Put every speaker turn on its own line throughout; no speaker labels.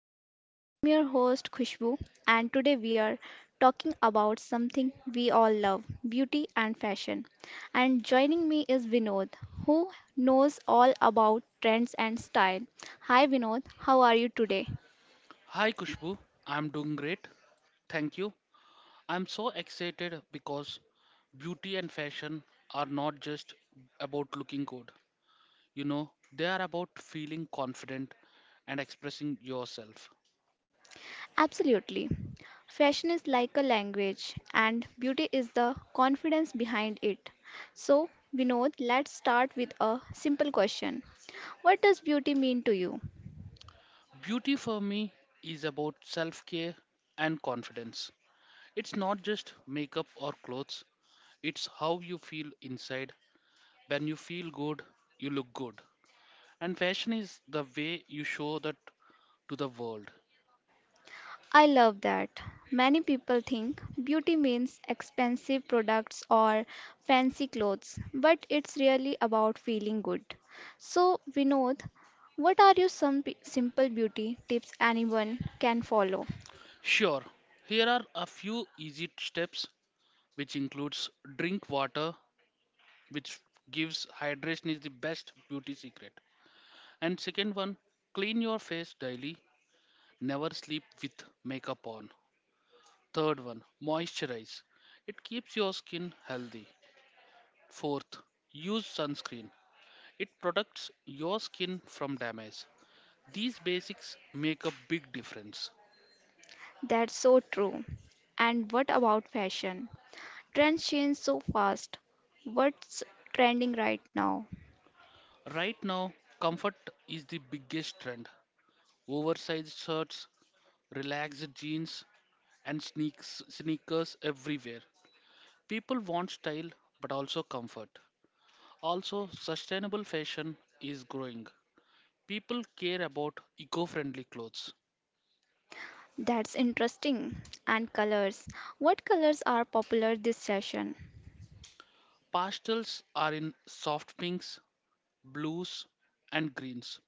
Talk. I'm your host Khushbu and today we are talking about something we all love, beauty and fashion. And joining me is Vinod, who knows all about trends and style. Hi Vinod, how are you today?
Hi Kushbu, I'm doing great. Thank you. I'm so excited because beauty and fashion are not just about looking good. You know, they are about feeling confident and expressing yourself.
Absolutely. Fashion is like a language and beauty is the confidence behind it. So, Vinod, let's start with a simple question. What does beauty mean to you?
Beauty for me is about self care and confidence. It's not just makeup or clothes, it's how you feel inside. When you feel good, you look good. And fashion is the way you show that to the world.
I love that. Many people think beauty means expensive products or fancy clothes, but it's really about feeling good. So, Vinod, what are your simple beauty tips anyone can follow?
Sure, here are a few easy steps which includes drink water which gives hydration is the best beauty secret. And second one, clean your face daily, never sleep with makeup on. Third one, moisturize. It keeps your skin healthy. Fourth, use sunscreen. It protects your skin from damage. These basics make a big difference.
That's so true. And what about fashion? Trends change so fast. What's trending right now?
Right now, comfort is the biggest trend. Oversized shirts, relaxed jeans, and sneakers everywhere. People want style but also comfort. Also, sustainable fashion is growing. People care about eco friendly clothes.
That's interesting. And colors. What colors are popular this session?
Pastels are in soft pinks, blues, and greens.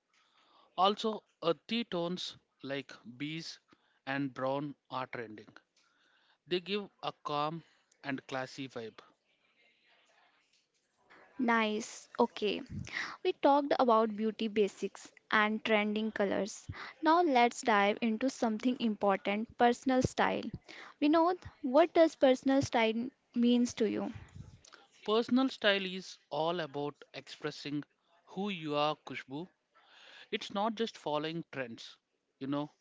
Also, earthy tones like beige and brown are trending. They give a calm and classy vibe.
Nice. Okay. We talked about beauty basics and trending colors. Now let's dive into something important, personal style. Vinod, what does personal style means to you?
Personal style is all about expressing who you are, Kushbu. It's not just following trends, you know,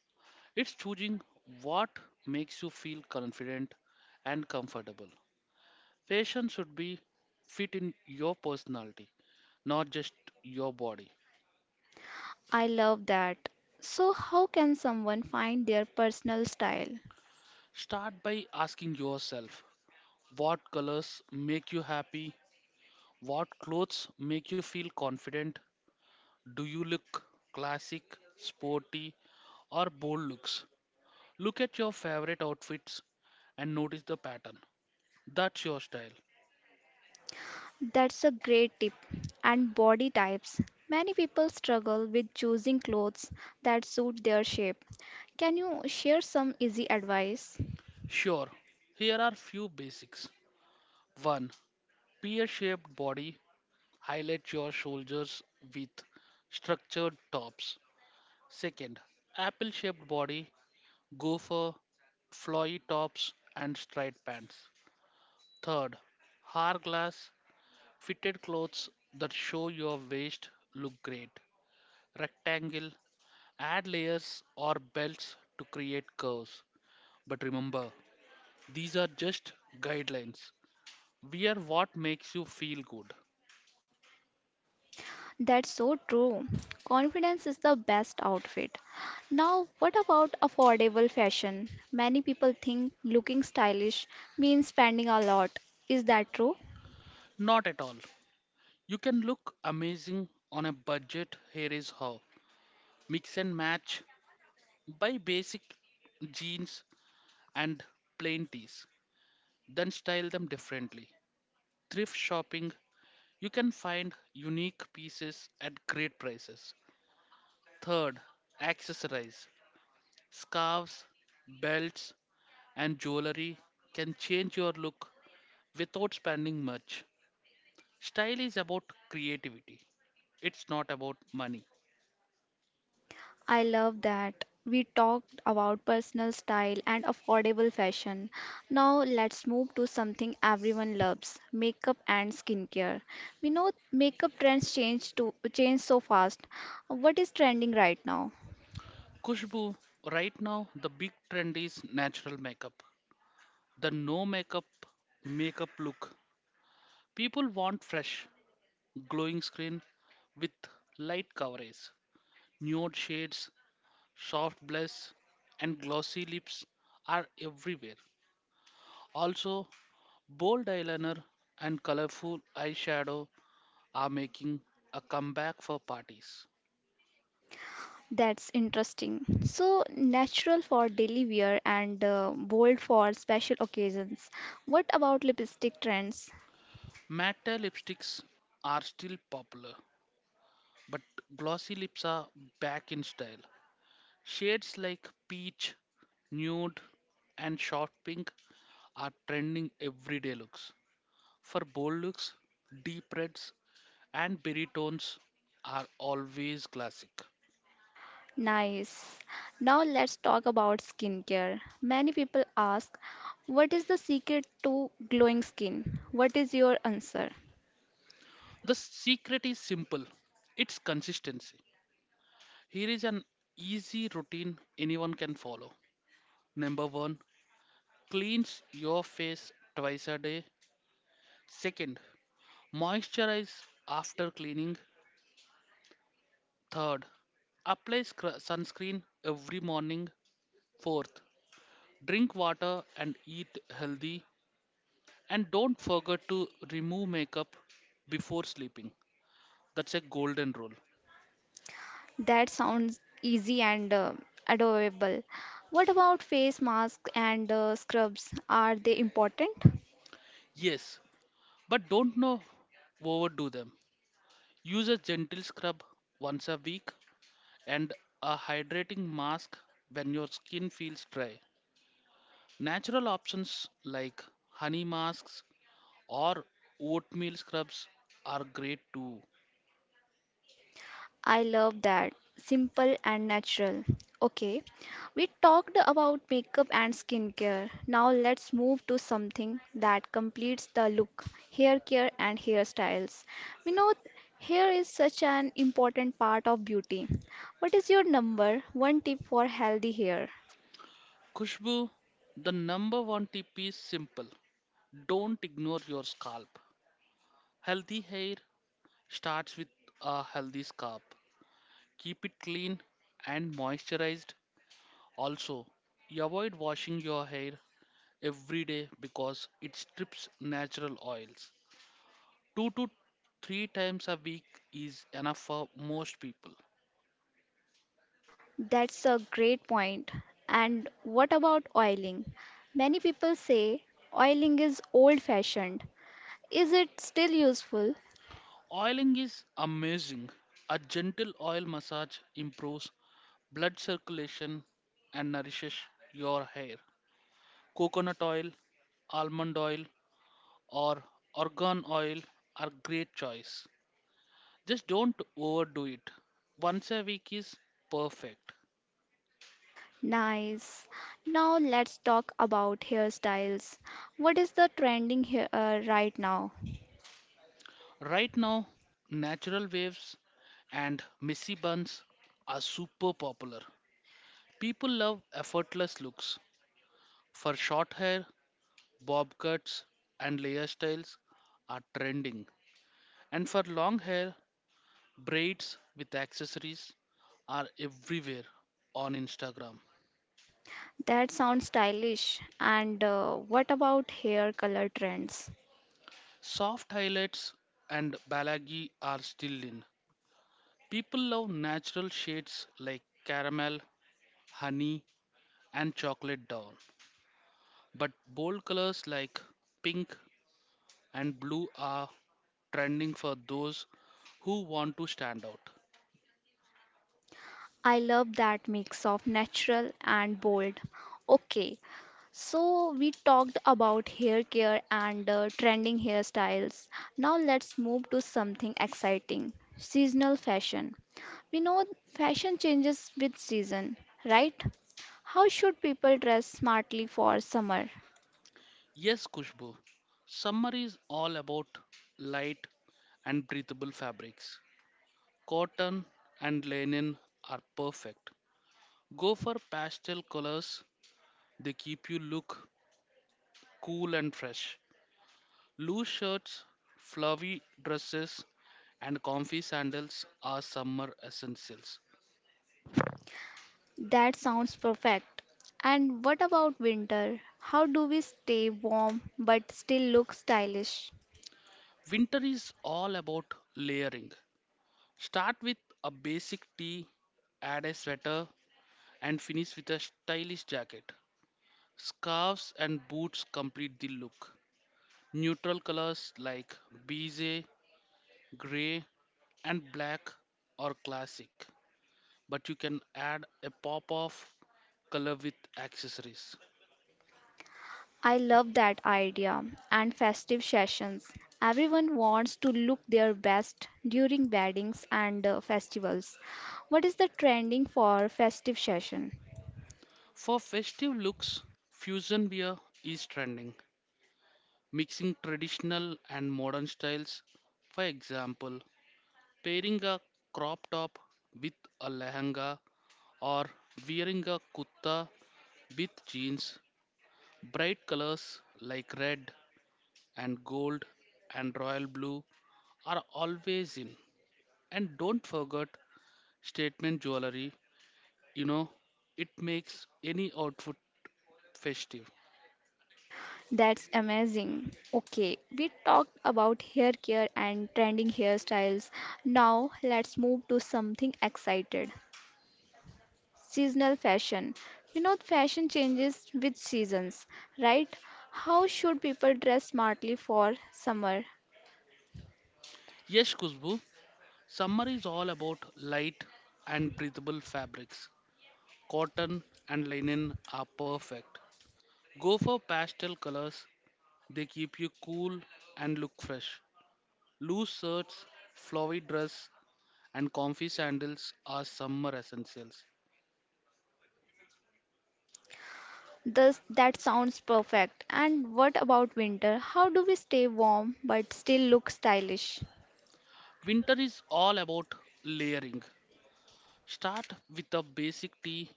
it's choosing what makes you feel confident and comfortable. Fashion should be fit in your personality, not just your body.
I love that. So how can someone find their personal style?
Start by asking yourself what colors make you happy, what clothes make you feel confident. Do you look classic, sporty, or bold looks? Look at your favorite outfits and notice the pattern. That's your style.
That's a great tip. And body types. Many people struggle with choosing clothes that suit their shape. Can you share some easy advice?
Sure, here are few basics. 1. Pear shaped body, highlight your shoulders with structured tops. 2. Apple shaped body, go for flowy tops and straight pants. 3. Hourglass, fitted clothes that show your waist look great. Rectangle, add layers or belts to create curves. But remember, these are just guidelines. Wear what makes you feel good.
That's so true. Confidence is the best outfit. Now, what about affordable fashion? Many people think looking stylish means spending a lot. Is that true?
Not at all. You can look amazing on a budget. Here is how. Mix and match. Buy basic jeans and plain tees. Then style them differently. Thrift shopping. You can find unique pieces at great prices. Third, accessorize. Scarves, belts, and jewelry can change your look without spending much. Style is about creativity. It's not about money.
I love that. We talked about personal style and affordable fashion. Now, let's move to something everyone loves, makeup and skincare. We know makeup trends change so fast. What is trending right now?
Kushbu, right now the big trend is natural makeup. The no makeup makeup look. People want fresh, glowing skin with light coverage. Nude shades, soft blush, and glossy lips are everywhere. Also, bold eyeliner and colorful eyeshadow are making a comeback for parties.
That's interesting. So natural for daily wear and bold for special occasions. What about lipstick trends?
Matte lipsticks are still popular, but glossy lips are back in style. Shades like peach, nude, and soft pink are trending everyday looks. For bold looks, deep reds and berry tones are always classic.
Nice. Now let's talk about skincare. Many people ask, what is the secret to glowing skin? What is your answer?
The secret is simple, it's consistency. Here is an easy routine anyone can follow. Number one, cleanse your face twice a day. Second, moisturize after cleaning. Third, apply sunscreen every morning. Fourth, drink water and eat healthy. And don't forget to remove makeup before sleeping. That's a golden rule.
That sounds easy and adorable. What about face masks and scrubs? Are they important?
Yes, but don't know overdo them. Use a gentle scrub once a week and a hydrating mask when your skin feels dry. Natural options like honey masks or oatmeal scrubs are great too.
I love that. Simple and natural. Okay, we talked about makeup and skincare. Now let's move to something that completes the look, hair care and hairstyles. We know hair is such an important part of beauty. What is your number one tip for healthy hair?
Kushbu, the number one tip is simple. Don't ignore your scalp. Healthy hair starts with a healthy scalp. Keep it clean and moisturized. Also, avoid washing your hair every day because it strips natural oils. Two to three times a week is enough for most people.
That's a great point. And what about oiling? Many people say oiling is old fashioned. Is it still useful?
Oiling is amazing. A gentle oil massage improves blood circulation and nourishes your hair. Coconut oil, almond oil, or argan oil are great choice. Just don't overdo it. Once a week is perfect.
Nice. Now let's talk about hairstyles. What is the trending here right now?
Right now, natural waves and messy buns are super popular. People love effortless looks. For short hair, Bob cuts and layer styles are trending. And for long hair, braids with accessories are everywhere on Instagram.
That sounds stylish. And what about hair color trends?
Soft highlights and balagi are still in. People love natural shades like caramel, honey, and chocolate down. But bold colors like pink and blue are trending for those who want to stand out.
I love that mix of natural and bold. Okay, so we talked about hair care and trending hairstyles. Now let's move to something exciting, seasonal fashion. We know fashion changes with season, right? How should people dress smartly for summer?
Yes, Kushbu. Summer is all about light and breathable fabrics. Cotton and linen are perfect. Go for pastel colors, they keep you look cool and fresh. Loose shirts, flowy dresses, and comfy sandals are summer essentials.
That sounds perfect. And what about winter? How do we stay warm but still look stylish?
Winter is all about layering. Start with a basic tee, add a sweater, and finish with a stylish jacket. Scarves and boots complete the look. Neutral colors like beige, grey, and black are classic, but you can add a pop of color with accessories.
I love that idea. And festive sessions. Everyone wants to look their best during weddings and festivals. What is the trending for festive session?
For festive looks, fusion wear is trending, mixing traditional and modern styles. For example, pairing a crop top with a lehenga or wearing a kutta with jeans. Bright colors like red and gold and royal blue are always in. And don't forget statement jewelry, you know, it makes any outfit festive.
That's amazing. Okay, we talked about hair care and trending hairstyles. Now let's move to something excited. Seasonal fashion. You know, fashion changes with seasons, right? How should people dress smartly for summer?
Yes, Khushbu, summer is all about light and breathable fabrics. Cotton and linen are perfect. Go for pastel colors, they keep you cool and look fresh. Loose shirts, flowy dress and comfy sandals are summer essentials.
Does that sounds perfect. And what about winter? How do we stay warm but still look stylish?
Winter is all about layering. Start with a basic tee,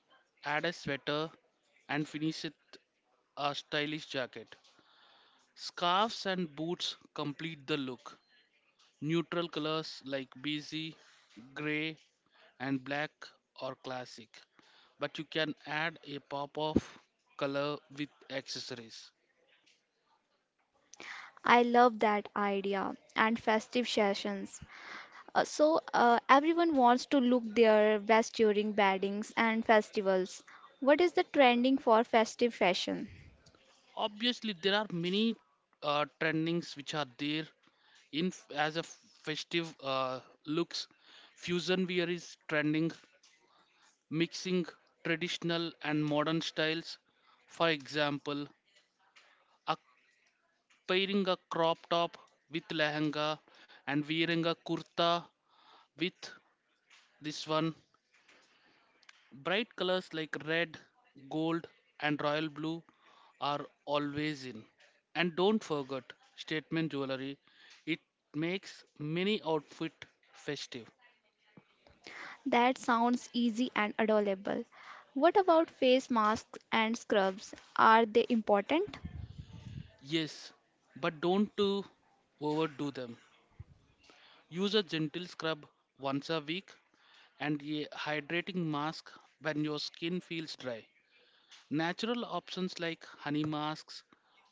add a sweater, and finish it a stylish jacket. Scarves and boots complete the look. Neutral colors like beige, grey, and black are classic, but you can add a pop of color with accessories.
I love that idea and festive sessions. So everyone wants to look their best during weddings and festivals. What is the trending for festive fashion?
Obviously, there are many trendings which are there in as a festive looks. Fusion wear is trending, mixing traditional and modern styles. For example, a, pairing a crop top with lehenga and wearing a kurta with this one. Bright colors like red, gold, and royal blue are always in, and don't forget statement jewelry, it makes many outfit festive.
That sounds easy and adorable. What about face masks and scrubs? Are they important?
Yes, but don't to overdo them. Use a gentle scrub once a week and a hydrating mask when your skin feels dry. Natural options like honey masks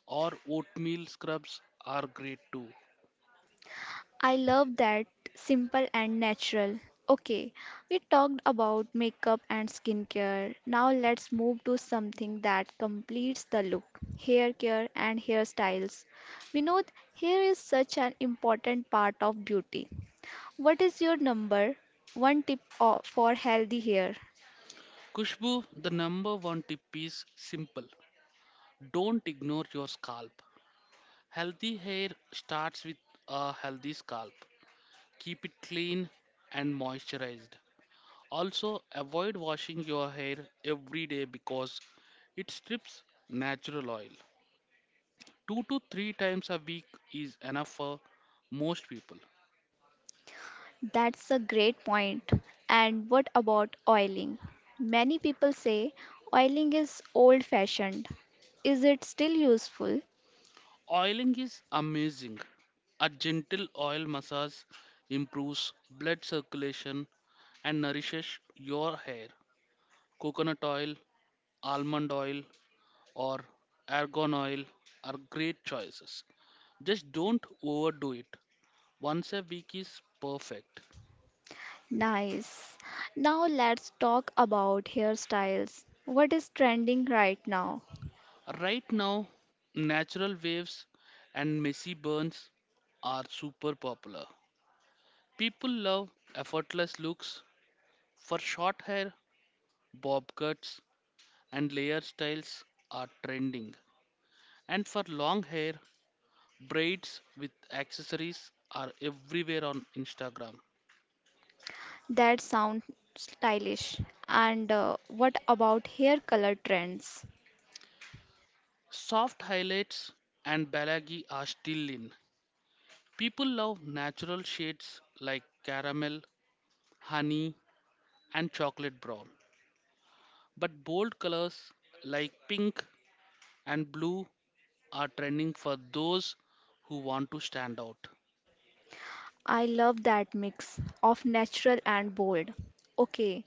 or oatmeal scrubs are great too.
I love that, simple and natural. Okay, we talked about makeup and skincare. Now let's move to something that completes the look, hair care and hairstyles. We know hair is such an important part of beauty. What is your number one for healthy hair?
Kushbu, the number one tip is simple. Don't ignore your scalp. Healthy hair starts with a healthy scalp. Keep it clean and moisturized. Also, avoid washing your hair every day because it strips natural oil. Two to three times a week is enough for most people.
That's a great point. And what about oiling? Many people say oiling is old fashioned. Is it still useful?
Oiling is amazing. A gentle oil massage improves blood circulation and nourishes your hair. Coconut oil, almond oil, or argan oil are great choices. Just don't overdo it. Once a week is perfect.
Nice. Now let's talk about hairstyles. What is trending right now,
Right now, natural waves and messy burns are super popular. People love effortless looks for short hair, bob cuts, and layer styles are trending. And for long hair, braids with accessories are everywhere on Instagram.
that sound stylish? And what about hair color trends?
Soft highlights and balagi are still in. People love natural shades like caramel, honey, and chocolate brown. But bold colors like pink and blue are trending for those who want to stand out.
I love that mix of natural and bold. Okay,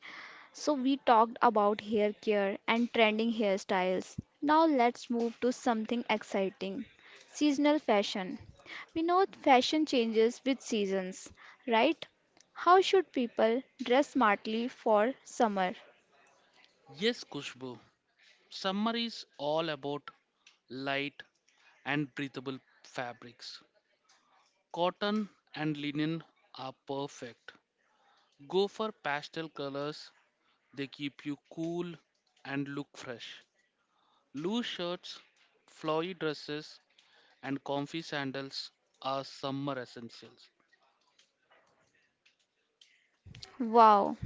so we talked about hair care and trending hairstyles. Now let's move to something exciting. Seasonal fashion. We know fashion changes with seasons, right? How should people dress smartly for summer?
Yes, Kushbu, summer is all about light and breathable fabrics. Cotton and linen are perfect. Go for pastel colors, they keep you cool and look fresh. Loose shirts, flowy dresses, and comfy sandals are summer essentials.
Wow,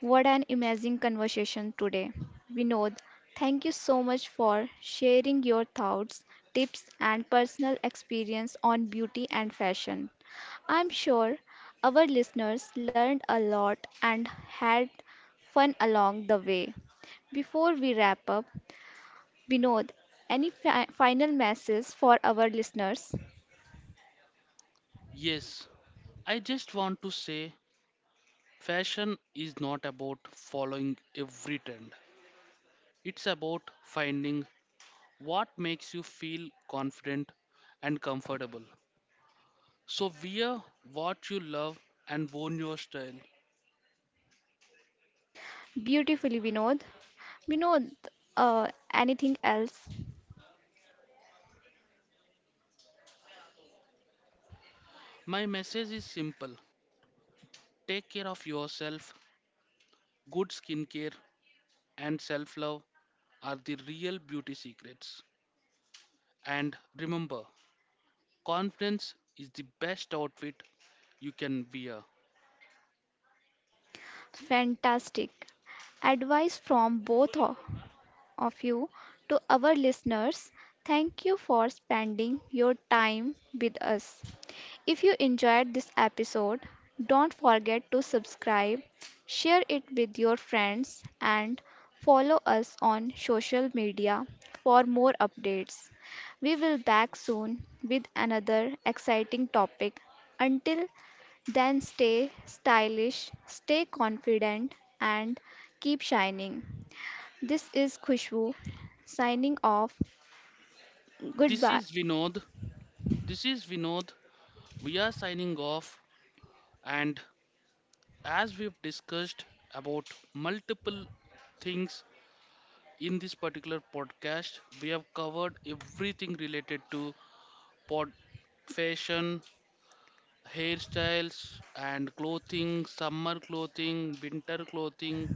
what an amazing conversation today. Vinod, thank you so much for sharing your thoughts, tips, and personal experience on beauty and fashion. I'm sure our listeners learned a lot and had fun along the way. Before we wrap up, Vinod, any final message for our listeners?
Yes, I just want to say fashion is not about following every trend. It's about finding what makes you feel confident and comfortable. So wear what you love and own your style.
Beautifully, Vinod. Vinod, uh, anything else?
My message is simple. Take care of yourself. Good skincare and self-love are the real beauty secrets. And remember, confidence is the best outfit you can wear.
Fantastic. Advice from both of you to our listeners. Thank you for spending your time with us. If you enjoyed this episode, don't forget to subscribe, share it with your friends, and follow us on social media for more updates. We will back soon with another exciting topic. Until then stay stylish, stay confident, and keep shining. This is Khushbu signing off.
This
Goodbye.
is Vinod. This is Vinod. We are signing off, and as we've discussed about multiple things in this particular podcast, we have covered everything related to pod fashion, hairstyles, and clothing, summer clothing, winter clothing,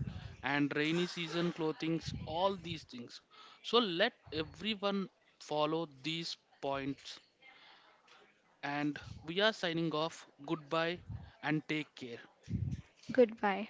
and rainy season clothing, all these things. So let everyone follow these points and we are signing off. Goodbye and take care.
Goodbye.